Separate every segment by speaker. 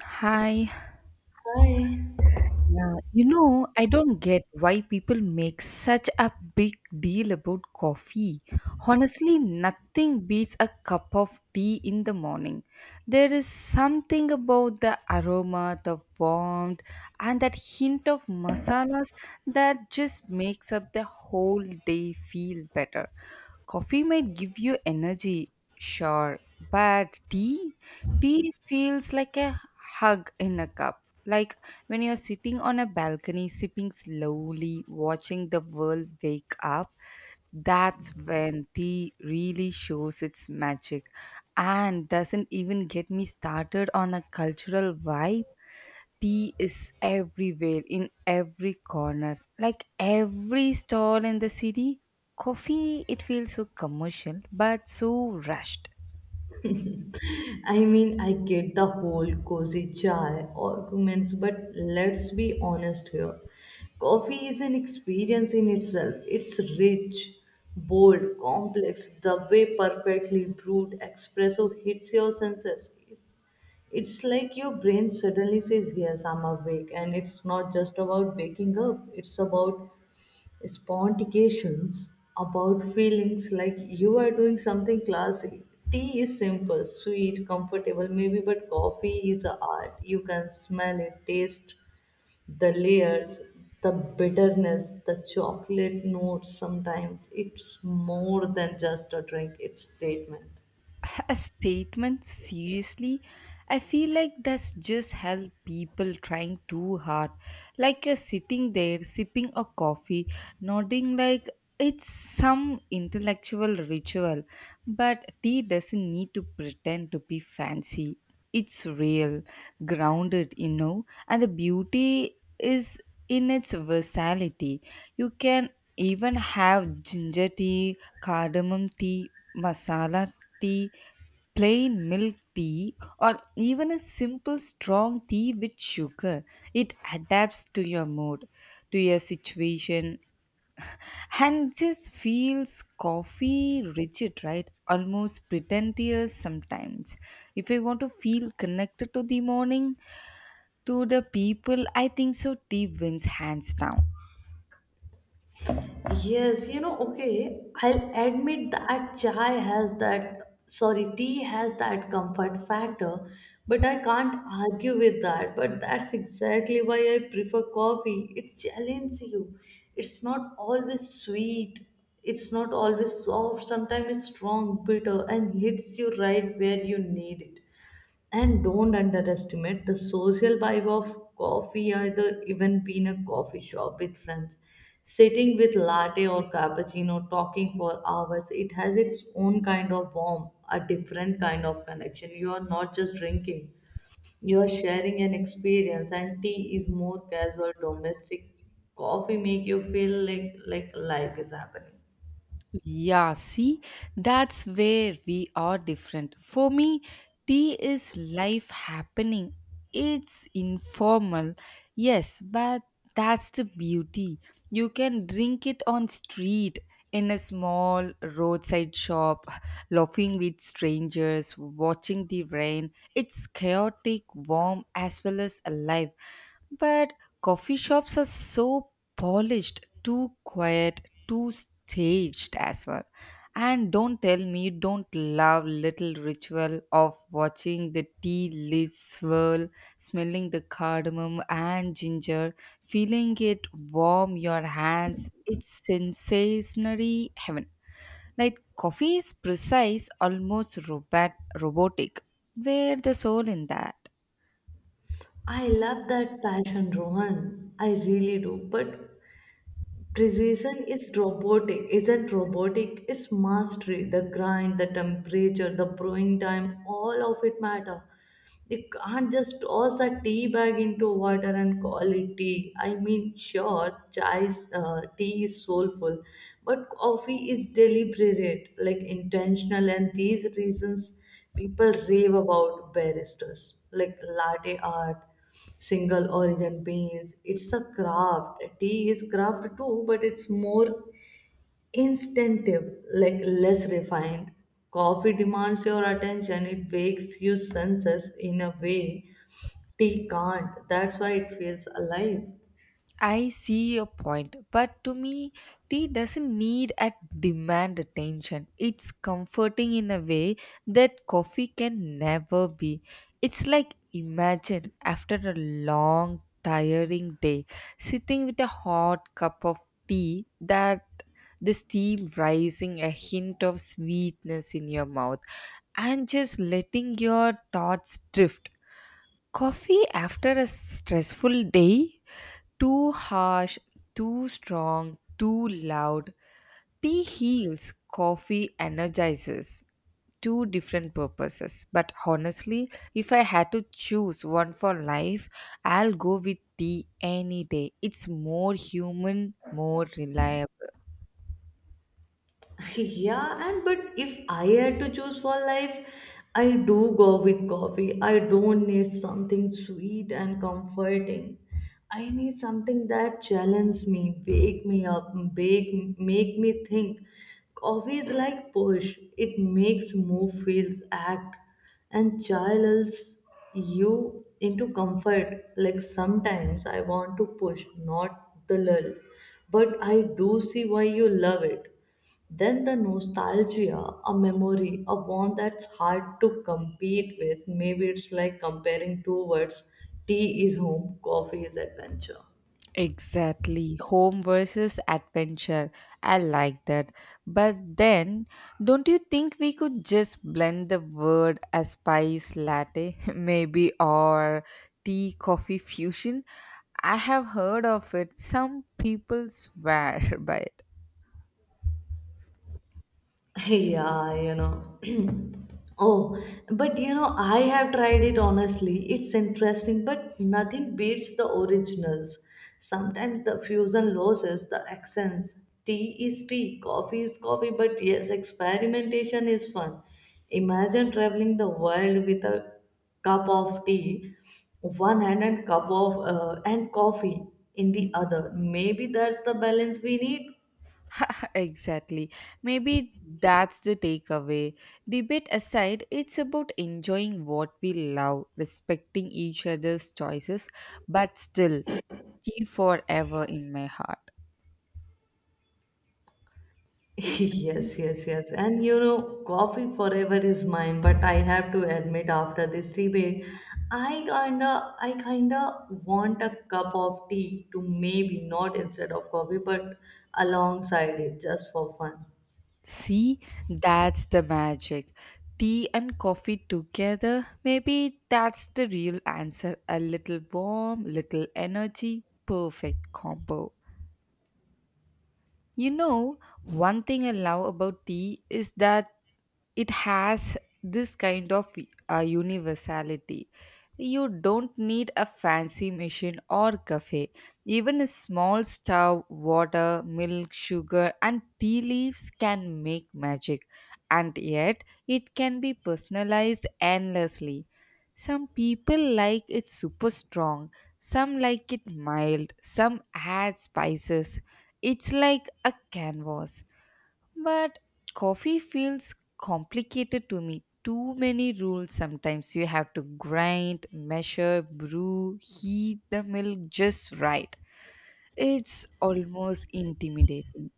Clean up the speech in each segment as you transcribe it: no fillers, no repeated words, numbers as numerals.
Speaker 1: Hi.
Speaker 2: I,
Speaker 1: Yeah, you know, I don't get why people make such a big deal about coffee. Honestly, nothing beats a cup of tea in the morning. There is something about the aroma, the warmth, and that hint of masalas that just makes up the whole day feel better. Coffee might give you energy, sure, but tea feels like a hug in a cup. Like when you're sitting on a balcony, sipping slowly, watching the world wake up, that's when tea really shows its magic. And doesn't even get me started on a cultural vibe, tea is everywhere in every corner, like every stall in the city. Coffee, it feels so commercial but so rushed.
Speaker 2: I mean, I get the whole cozy chai arguments, but let's be honest here. Coffee is an experience in itself. It's rich, bold, complex. The way perfectly brewed espresso hits your senses. It's like your brain suddenly says, yes, I'm awake. And it's not just about waking up, it's about spontications about feelings like you are doing something classy. Tea is simple, sweet, comfortable, maybe, but coffee is a art. You can smell it, taste the layers, the bitterness, the chocolate notes. Sometimes it's more than just a drink, it's statement.
Speaker 1: A statement, seriously? I feel like that's just help people trying too hard, like you're sitting there sipping a coffee, nodding like it's some intellectual ritual. But tea doesn't need to pretend to be fancy, it's real, grounded, you know. And the beauty is in its versatility. You can even have ginger tea, cardamom tea, masala tea, plain milk tea, or even a simple strong tea with sugar. It adapts to your mood, to your situation, and just feels. Coffee, rigid, right, almost pretentious sometimes. If I want to feel connected to the morning, to the people, I think so tea wins hands down.
Speaker 2: Yes, you know, okay, I'll admit that chai has that, sorry, tea has that comfort factor, but I can't argue with that. But that's exactly why I prefer coffee. It challenges you. It's not always sweet, it's not always soft. Sometimes it's strong, bitter, and hits you right where you need it. And don't underestimate the social vibe of coffee either, even being a coffee shop with friends sitting with latte or cappuccino talking for hours. It has its own kind of warmth, a different kind of connection. You are not just drinking, you are sharing an experience. And tea is more casual, domestic. Coffee make you feel like life is happening.
Speaker 1: Yeah, see, that's where we are different. For me, tea is life happening. It's informal, yes, but that's the beauty. You can drink it on street, in a small roadside shop, laughing with strangers, watching the rain. It's chaotic, warm, as well as alive. But coffee shops are so polished, too quiet, too staged as well. And don't tell me you don't love little ritual of watching the tea leaves swirl, smelling the cardamom and ginger, feeling it warm your hands. It's sensationary heaven. Like coffee is precise, almost robotic. Where the soul in that?
Speaker 2: I love that passion, Rohan. I really do. But precision is robotic, isn't robotic, it's mastery. The grind, the temperature, the brewing time, all of it matter. They can't just toss a tea bag into water and call it tea. I mean, sure, tea is soulful, but coffee is deliberate, like intentional, and these reasons people rave about baristas, like latte art, single origin beans. It's a craft. Tea is craft too, but it's more instinctive, like less refined. Coffee demands your attention, it wakes your senses in a way tea can't. That's why it feels alive.
Speaker 1: I see your point, but to me, tea doesn't need and demand attention. It's comforting in a way that coffee can never be. It's like imagine after a long, tiring day, sitting with a hot cup of tea that the steam rising, a hint of sweetness in your mouth, and just letting your thoughts drift. Coffee after a stressful day, too harsh, too strong, too loud. Tea heals, coffee energizes. Two different purposes. But honestly, if I had to choose one for life, I'll go with tea any day. It's more human, more reliable.
Speaker 2: Yeah, and but if I had to choose for life, I do go with coffee. I don't need something sweet and comforting, I need something that challenges me, wake me up, make me think. Coffee is like push, it makes move feels act and channels you into comfort. Like sometimes I want to push, not the lull, but I do see why you love it. Then the nostalgia, a memory, a one that's hard to compete with. Maybe it's like comparing two words: tea is home, coffee is adventure.
Speaker 1: Exactly. Home versus adventure. I like that. But then, don't you think we could just blend the word as spice latte, maybe, or tea coffee fusion? I have heard of it. Some people swear by it.
Speaker 2: Yeah, you know. Oh, but you know, I have tried it honestly. It's interesting, but nothing beats the originals. Sometimes the fusion loses the accents. Tea is tea, coffee is coffee, but yes, experimentation is fun. Imagine traveling the world with a cup of tea, one hand, and cup of and coffee in the other. Maybe that's the balance we need.
Speaker 1: Exactly. Maybe that's the takeaway. Debate aside, it's about enjoying what we love, respecting each other's choices, but still you forever in my heart.
Speaker 2: Yes, yes, yes. And you know, coffee forever is mine, but I have to admit after this debate, I kinda want a cup of tea to, maybe not instead of coffee, but alongside it just for fun.
Speaker 1: See, that's the magic. Tea and coffee together, maybe that's the real answer. A little warm, little energy, perfect combo. You know, one thing I love about tea is that it has this kind of universality. You don't need a fancy machine or cafe. Even a small stove, water, milk, sugar, and tea leaves can make magic, and yet it can be personalized endlessly. Some people like it super strong, some like it mild, some add spices. It's like a canvas, but coffee feels complicated to me. Too many rules sometimes. You have to grind, measure, brew, heat the milk just right. It's almost intimidating.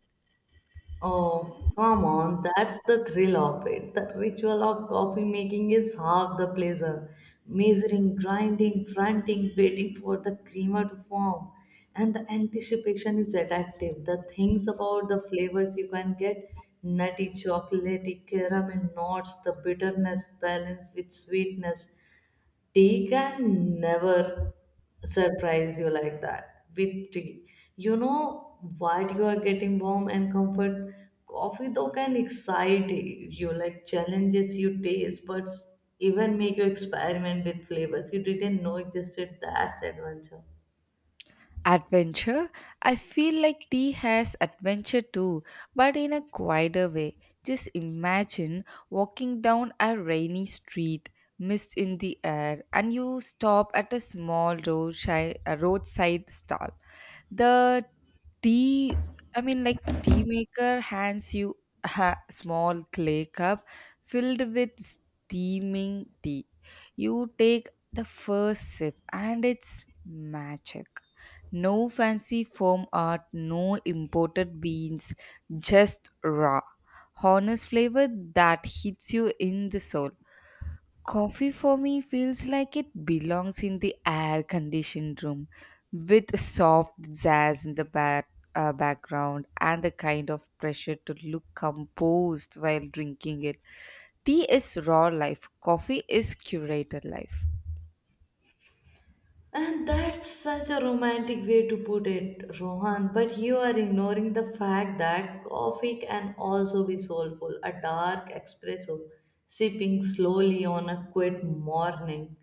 Speaker 2: Oh, come on, that's the thrill of it. The ritual of coffee making is half the pleasure. Measuring, grinding, fronting, waiting for the creamer to form. And the anticipation is addictive. The things about the flavors you can get: nutty, chocolatey, caramel notes, the bitterness balanced with sweetness. Tea can never surprise you like that. With tea, you know what you are getting: warm and comfort. Coffee though can excite you, like challenges you taste, but even make you experiment with flavors you didn't know existed. That's adventure.
Speaker 1: Adventure? I feel like tea has adventure too, but in a quieter way. Just imagine walking down a rainy street, mist in the air, and you stop at a small roadside, a roadside stall. The tea, I mean, like tea maker hands you a small clay cup filled with steaming tea. You take the first sip, and it's magic. No fancy foam art, no imported beans, just raw, honest flavor that hits you in the soul. Coffee for me feels like it belongs in the air conditioned room with soft jazz in the back, background and the kind of pressure to look composed while drinking it. Tea is raw life, coffee is curated life.
Speaker 2: And that's such a romantic way to put it, Rohan. But you are ignoring the fact that coffee can also be soulful. A dark espresso sipping slowly on a quiet morning,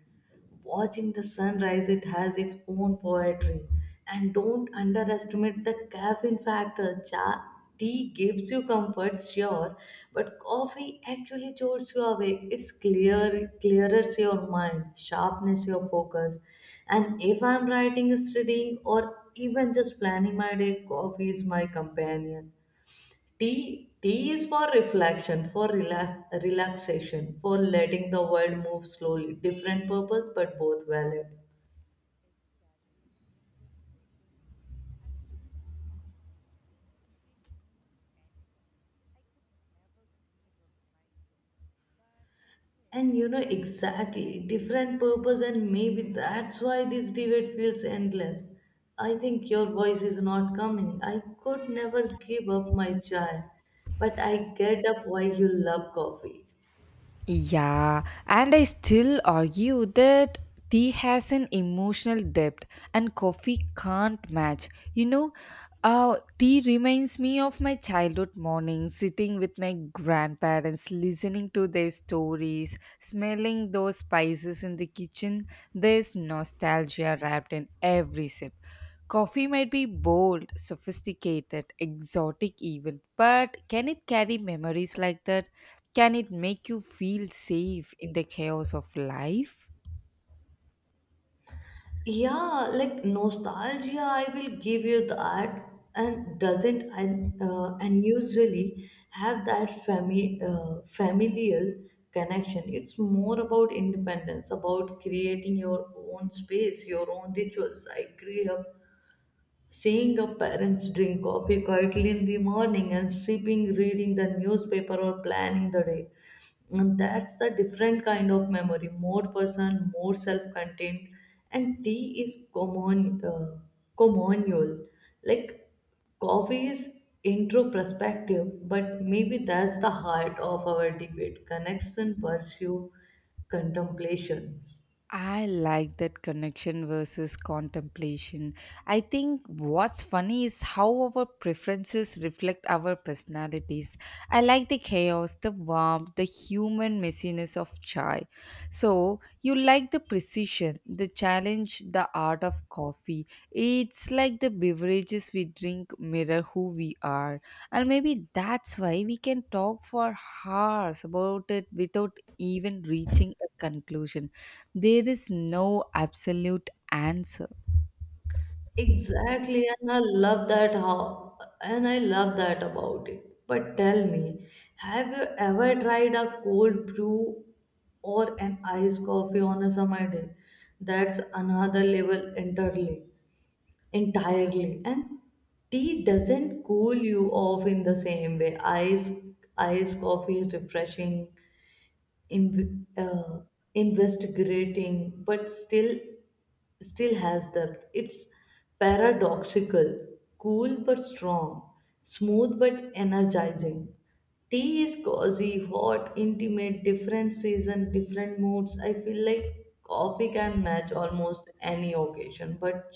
Speaker 2: watching the sunrise, it has its own poetry. And don't underestimate the caffeine factor. Tea gives you comfort, sure, but coffee actually jolts you awake. It's clear, clears your mind, sharpness your focus. And if I'm writing, studying, or even just planning my day, coffee is my companion. Tea is for reflection, for relaxation, for letting the world move slowly. Different purpose, but both valid.
Speaker 1: Exactly, different purposes. And maybe that's why this debate feels endless. I could never give up my tea, but I can.
Speaker 2: And you know exactly, different purpose, and maybe that's why this debate feels endless. I think your voice is not coming. I could never give up my chai, but I get up why you love coffee.
Speaker 1: Yeah, and I still argue that tea has an emotional depth and coffee can't match. You know, tea reminds me of my childhood mornings, sitting with my grandparents, listening to their stories, smelling those spices in the kitchen. There's nostalgia wrapped in every sip. Coffee might be bold, sophisticated, exotic even, but can it carry memories like that? Can it make you feel safe in the chaos of life?
Speaker 2: Yeah, like nostalgia, I will give you that, and doesn't and unusually have that familial connection. It's more about independence, about creating your own space, your own rituals. I grew up seeing a parents drink coffee quietly in the morning and sipping, reading the newspaper, or planning the day. And that's a different kind of memory, more personal, more self contained. And tea is communal. Like coffee is introspective, but maybe that's the heart of our debate: connection, pursue, contemplations.
Speaker 1: I like that connection versus contemplation. I think what's funny is how our preferences reflect our personalities. I like the chaos, the warmth, the human messiness of chai. So, you like the precision, the challenge, the art of coffee. It's like the beverages we drink mirror who we are. And maybe that's why we can talk for hours about it without even reaching a conclusion. There is no absolute answer.
Speaker 2: Exactly, and I love that about it. But tell me, have you ever tried a cold brew or an iced coffee on a summer day? That's another level entirely. And tea doesn't cool you off in the same way. Iced coffee is refreshing, in, uh, investigating, but still has depth. It's paradoxical, cool but strong, smooth but energizing. Tea is cozy, hot, intimate, different season, different moods. I feel like coffee can match almost any occasion, but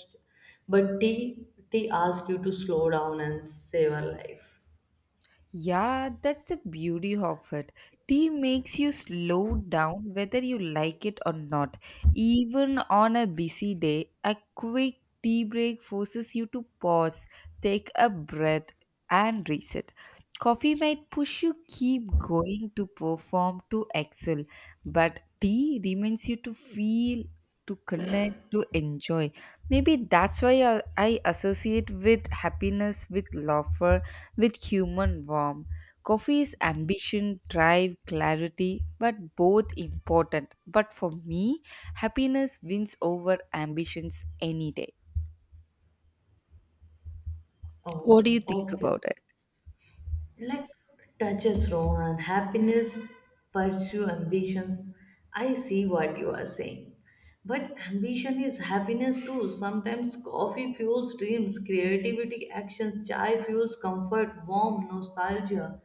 Speaker 2: tea asks you to slow down and savor life.
Speaker 1: Yeah, that's the beauty of it. Tea makes you slow down whether you like it or not. Even on a busy day, a quick tea break forces you to pause, take a breath, and reset. Coffee might push you keep going to perform to excel, but tea reminds you to feel, to connect, to enjoy. Maybe that's why I associate with happiness with laughter with human warmth. Coffee's ambition, drive, clarity, but both important. But for me, happiness wins over ambitions any day. What do you
Speaker 2: Oh,
Speaker 1: think
Speaker 2: okay.
Speaker 1: about it?
Speaker 2: Like touches Rohan, happiness, pursue ambitions. I see what you are saying. But ambition is happiness too. Sometimes coffee fuels dreams, creativity actions, chai fuels comfort, warmth, nostalgia.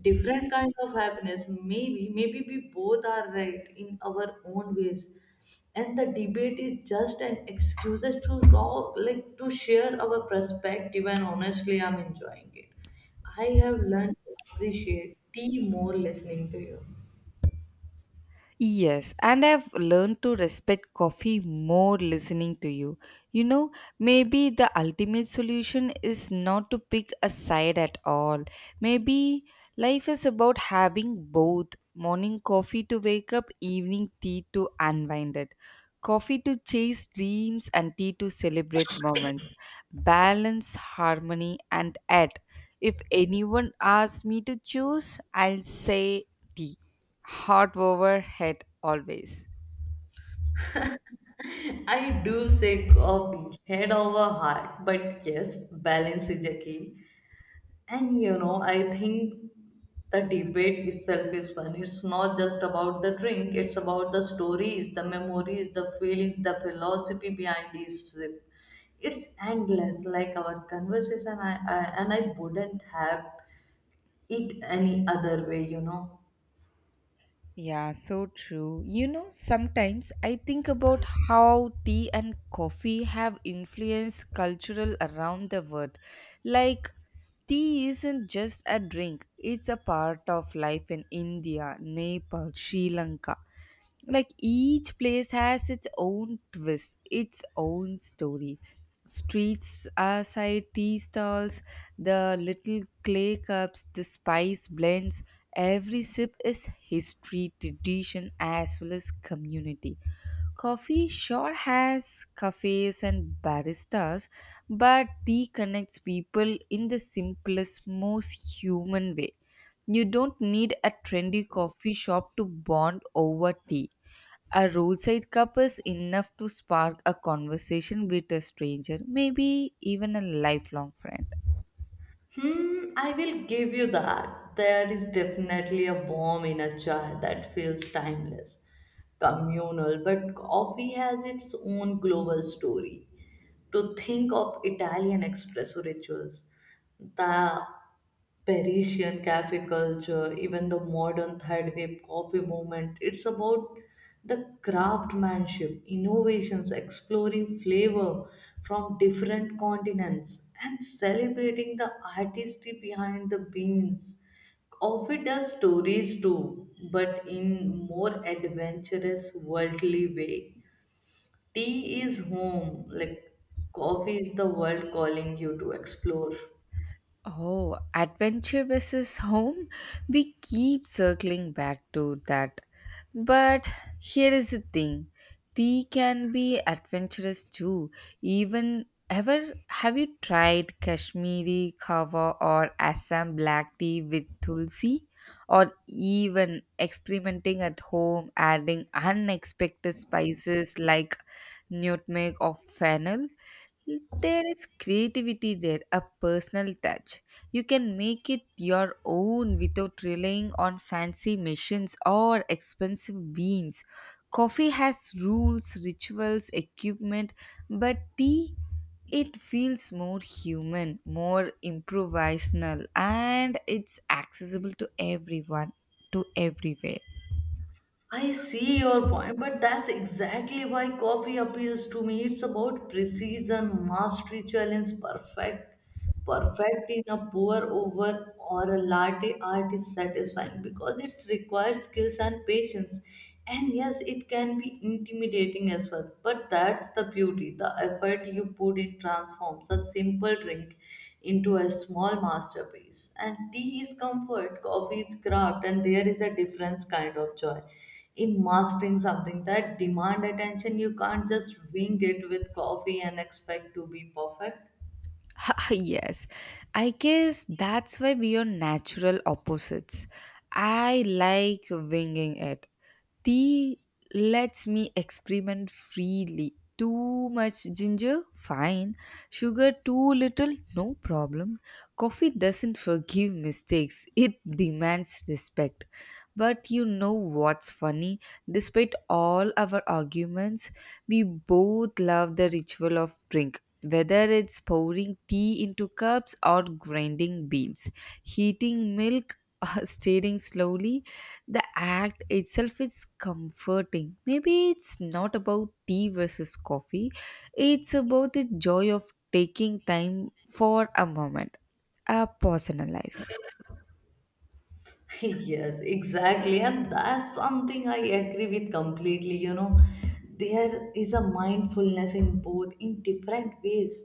Speaker 2: Different kind of happiness. Maybe we both are right in our own ways. And the debate is just an excuse to talk, like to share our perspective, and honestly, I'm enjoying it. I have learned to appreciate tea more listening to you.
Speaker 1: Yes, and I've learned to respect coffee more listening to you. You know, maybe the ultimate solution is not to pick a side at all. Maybe life is about having both, morning coffee to wake up, evening tea to unwind it, coffee to chase dreams, and tea to celebrate moments. Balance, harmony, and at. If anyone asks me to choose, I'll say tea. Heart over head always.
Speaker 2: I do say coffee, head over heart, but yes, balance is a key. And you know, I think the debate itself is fun. It's not just about the drink, it's about the stories, the memories, the feelings, the philosophy behind each sip. It's endless, like our conversation, and I wouldn't have it any other way, you know.
Speaker 1: Yeah, so true. You know, sometimes I think about how tea and coffee have influenced cultural around the world. Like tea isn't just a drink, it's a part of life in India, Nepal, Sri Lanka. Like each place has its own twist, its own story. Streets aside tea stalls, the little clay cups, the spice blends. Every sip is history, tradition, as well as community. Coffee sure has cafes and baristas, but tea connects people in the simplest, most human way. You don't need a trendy coffee shop to bond over tea. A roadside cup is enough to spark a conversation with a stranger, maybe even a lifelong friend.
Speaker 2: Hmm, I will give you that. There is definitely a warm inner joy that feels timeless, communal, but coffee has its own global story. To think of Italian espresso rituals, the Parisian cafe culture, even the modern third wave coffee movement. It's about the craftsmanship, innovations, exploring flavor from different continents, and celebrating the artistry behind the beans. Coffee does stories too, but in more adventurous, worldly way. Tea is home, like coffee is the world calling you to explore.
Speaker 1: Oh, adventure versus home? We keep circling back to that. But here is the thing, tea can be adventurous too. Even ever have you tried Kashmiri kava or Assam black tea with tulsi? Or even experimenting at home, adding unexpected spices like nutmeg or fennel? There is creativity there, a personal touch. You can make it your own without relying on fancy machines or expensive beans. Coffee has rules, rituals, equipment, but tea, it feels more human, more improvisational, and it's accessible to everyone, to everywhere.
Speaker 2: I see your point, but that's exactly why coffee appeals to me. It's about precision, mastery, challenge, perfect in a pour over, or a latte art is satisfying because it requires skills and patience. And yes, it can be intimidating as well, but that's the beauty. The effort you put in transforms a simple drink into a small masterpiece. And tea is comfort, coffee is craft, and there is a different kind of joy in mastering something that demand attention. You can't just wing it with coffee and expect to be perfect.
Speaker 1: Yes, I guess that's why we are natural opposites. I like winging it. Tea lets me experiment freely. Too much ginger? Fine. Sugar too little? No problem. Coffee doesn't forgive mistakes, it demands respect. But you know what's funny? Despite all our arguments, we both love the ritual of drink. Whether it's pouring tea into cups or grinding beans, heating milk or stirring slowly, the act itself is comforting. Maybe it's not about tea versus coffee, it's about the joy of taking time for a moment, a pause in a life.
Speaker 2: Yes, exactly. And that's something I agree with completely. You know, there is a mindfulness in both in different ways.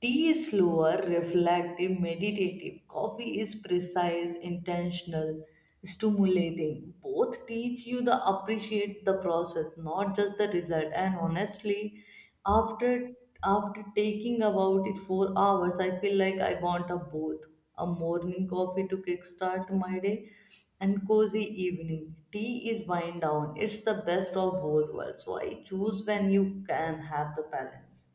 Speaker 2: Tea is slower, reflective, meditative. Coffee is precise, intentional, stimulating. Both teach you the appreciate the process, not just the result. And honestly, after after taking about it 4 hours, I feel like I want a both a morning coffee to kickstart my day, and cozy evening. Tea is wind down. It's the best of both worlds. So I choose when you can have the balance.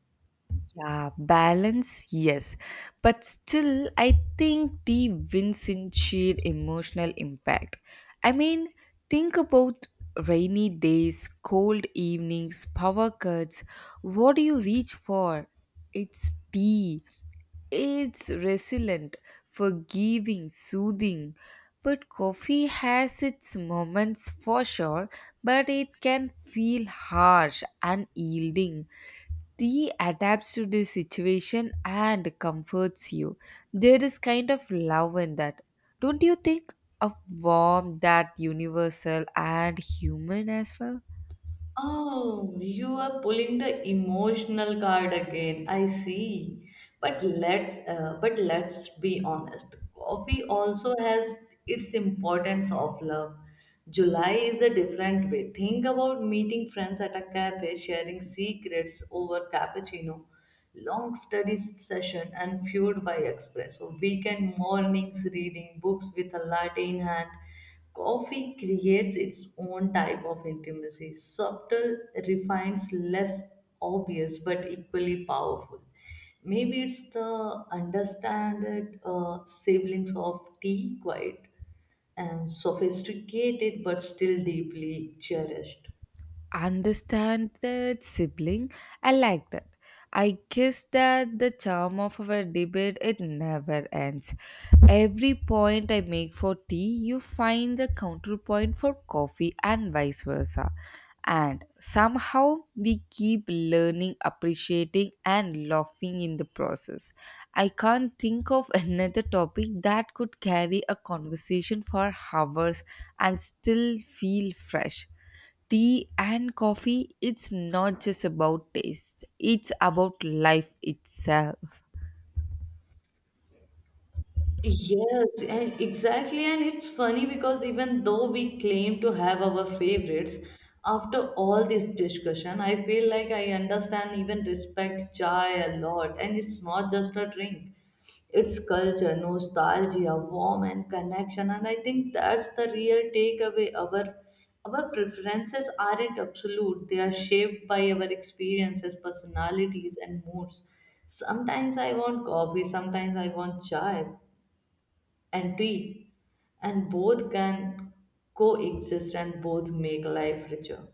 Speaker 1: Yeah, balance, yes. But still, I think tea wins in sheer emotional impact. I mean, think about rainy days, cold evenings, power cuts. What do you reach for? It's tea. It's resilient, forgiving, soothing. But coffee has its moments for sure, but it can feel harsh and yielding. Tea adapts to the situation and comforts you. There is kind of love in that. Don't you think? Of warmth that universal and human as well?
Speaker 2: Oh, you are pulling the emotional card again. I see. But let's be honest. Coffee also has its importance of love. July is a different way. Think about meeting friends at a cafe, sharing secrets over cappuccino, long study session and fueled by espresso, weekend mornings reading books with a latte in hand. Coffee creates its own type of intimacy, subtle, refined, less obvious, but equally powerful. Maybe it's the understanded siblings of tea, quiet and sophisticated, but still deeply cherished.
Speaker 1: Understand that sibling, I like that. I guess that the charm of our debate, it never ends. Every point I make for tea, you find a counterpoint for coffee and vice versa, and somehow we keep learning, appreciating, and laughing in the process. I can't think of another topic that could carry a conversation for hours and still feel fresh. Tea and coffee, it's not just about taste, it's about life itself.
Speaker 2: Yes, and exactly. And it's funny because even though we claim to have our favorites, after all this discussion, I feel like I understand even respect chai a lot. And it's not just a drink, it's culture, nostalgia, warmth, and connection. And I think that's the real takeaway. Our preferences aren't absolute, they are shaped by our experiences, personalities, and moods. Sometimes I want coffee, sometimes I want chai, and tea, and both can coexist and both make life richer.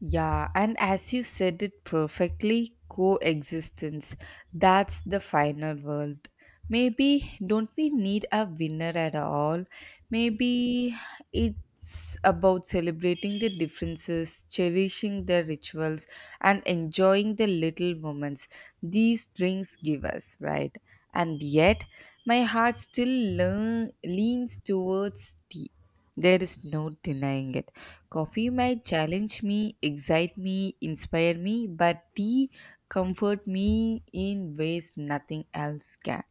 Speaker 1: Yeah, and as you said it perfectly, coexistence. That's the final word. Maybe don't we need a winner at all? Maybe it's about celebrating the differences, cherishing the rituals, and enjoying the little moments these drinks give us, right? And yet, my heart still leans towards tea. There is no denying it. Coffee might challenge me, excite me, inspire me, but tea comfort me in ways nothing else can.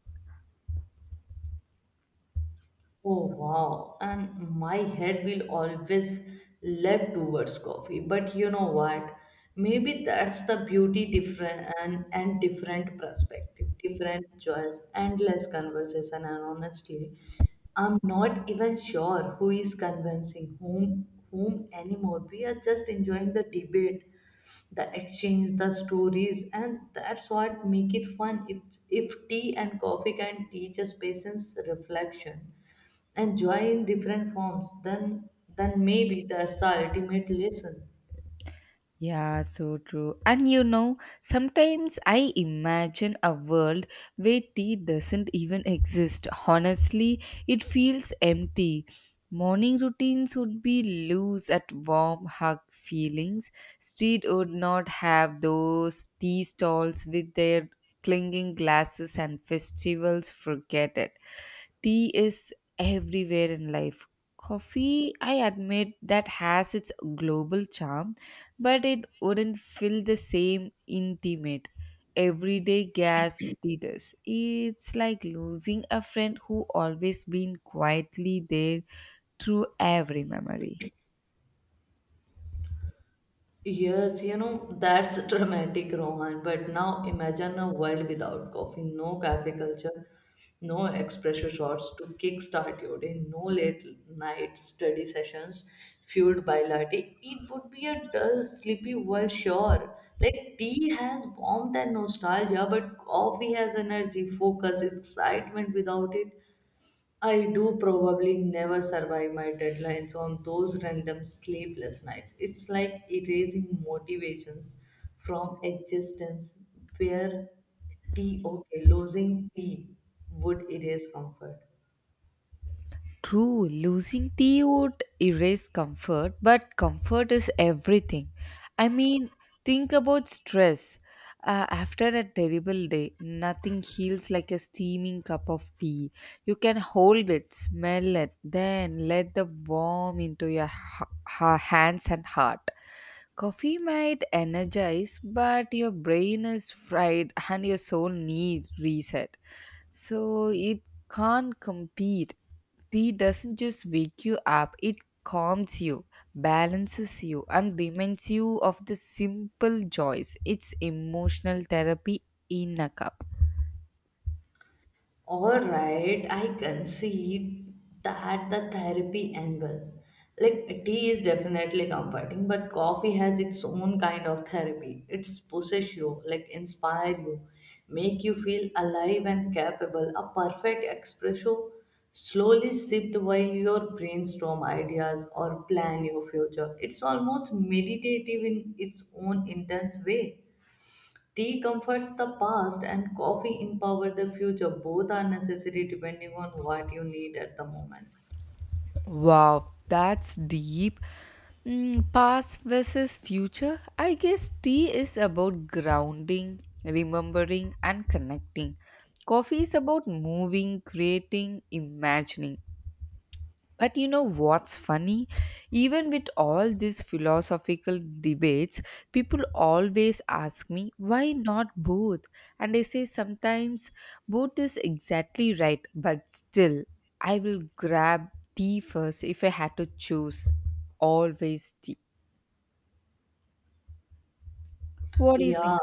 Speaker 2: Oh wow, and my head will always lead towards coffee. But you know what? Maybe that's the beauty: different and different perspective, different choice, endless conversation, and honestly, I'm not even sure who is convincing whom anymore. We are just enjoying the debate, the exchange, the stories, and that's what make it fun. If tea and coffee can teach us patience, reflection and joy in different forms, then maybe that's the ultimate lesson.
Speaker 1: Yeah, so true. And you know, sometimes I imagine a world where tea doesn't even exist. Honestly, it feels empty. Morning routines would be loose at warm hug feelings. Street would not have those tea stalls with their clinging glasses and festivals. Forget it, tea is everywhere in life. Coffee, I admit, that has its global charm, but it wouldn't feel the same intimate, everyday gasp it is. It's like losing a friend who always been quietly there through every memory.
Speaker 2: Yes, you know, that's dramatic Rohan, but now imagine a world without coffee. No cafe culture, no espresso shots to kickstart your day, no late night study sessions fueled by latte. It would be a dull sleepy world, sure. Like tea has warmth and nostalgia, but coffee has energy, focus, excitement. Without it, I do probably never survive my deadlines on those random sleepless nights. It's like erasing motivations from existence. Where tea, okay, losing tea would erase comfort.
Speaker 1: True, losing tea would erase comfort, but comfort is everything. I mean, think about stress. After a terrible day, nothing heals like a steaming cup of tea. You can hold it, smell it, then let the warm into your hands and heart. Coffee might energize, but your brain is fried and your soul needs reset. So it can't compete. Tea doesn't just wake you up, it calms you, balances you, and reminds you of the simple joys. It's emotional therapy in a cup.
Speaker 2: All right, I concede that the therapy angle. Like, tea is definitely comforting, but coffee has its own kind of therapy. It's possess you, like, inspire you, make you feel alive and capable. A perfect espresso slowly sipped while your brainstorm ideas or plan your future. It's almost meditative in its own intense way. Tea comforts the past and coffee empower the future. Both are necessary depending on what you need at the moment.
Speaker 1: Wow, that's deep. Mm, past versus future. I guess tea is about grounding, remembering, and connecting. Coffee is about moving, creating, imagining. But you know what's funny? Even with all these philosophical debates, people always ask me, why not both? And I say sometimes both is exactly right, but still, I will grab tea first if I had to choose. Always tea. What do you think?
Speaker 2: Yeah.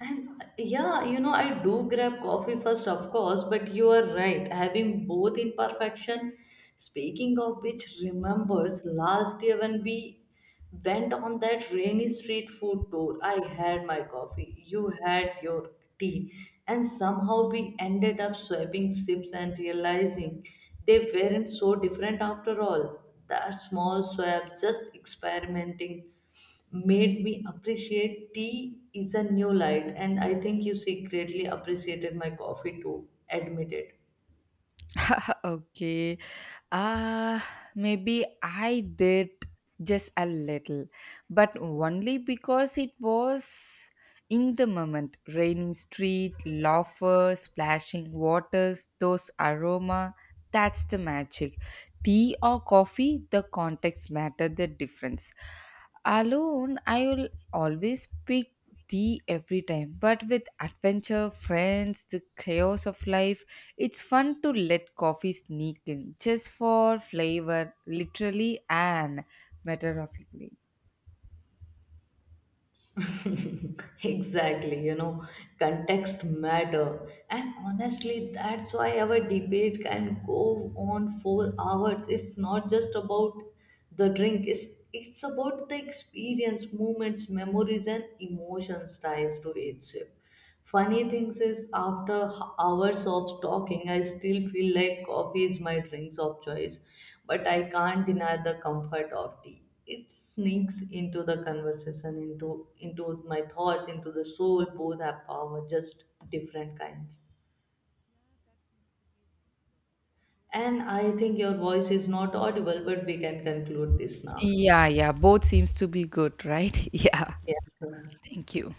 Speaker 2: And yeah, you know, I do grab coffee first, of course, but you are right. Having both in perfection. Speaking of which, remembers last year when we went on that rainy street food tour, I had my coffee, you had your tea, and somehow we ended up swapping sips and realizing they weren't so different after all. That small swap, just experimenting, made me appreciate tea is a new light, and I think you secretly appreciated my coffee too. Admit
Speaker 1: Okay. Uh, Maybe I did just a little, but only because it was in the moment raining street, laughter, splashing waters, those aroma. That's the magic tea or coffee, the context matter the difference. Alone, I will always pick tea every time, but with adventure, friends, the chaos of life, it's fun to let coffee sneak in just for flavor, literally and metaphorically.
Speaker 2: it. Exactly, you know, context matter. And honestly, that's why our debate can go on for hours. It's not just about the drink, it's about the experience, moments, memories, and emotions ties to it. Funny things is after hours of talking, I still feel like coffee is my drinks of choice, but I can't deny the comfort of tea. It sneaks into the conversation, into my thoughts, into the soul. Both have power, just different kinds. And I think your voice is not audible, but we can conclude this now.
Speaker 1: Yeah, yeah, both seems to be good, right? Yeah,
Speaker 2: Yeah.
Speaker 1: thank you.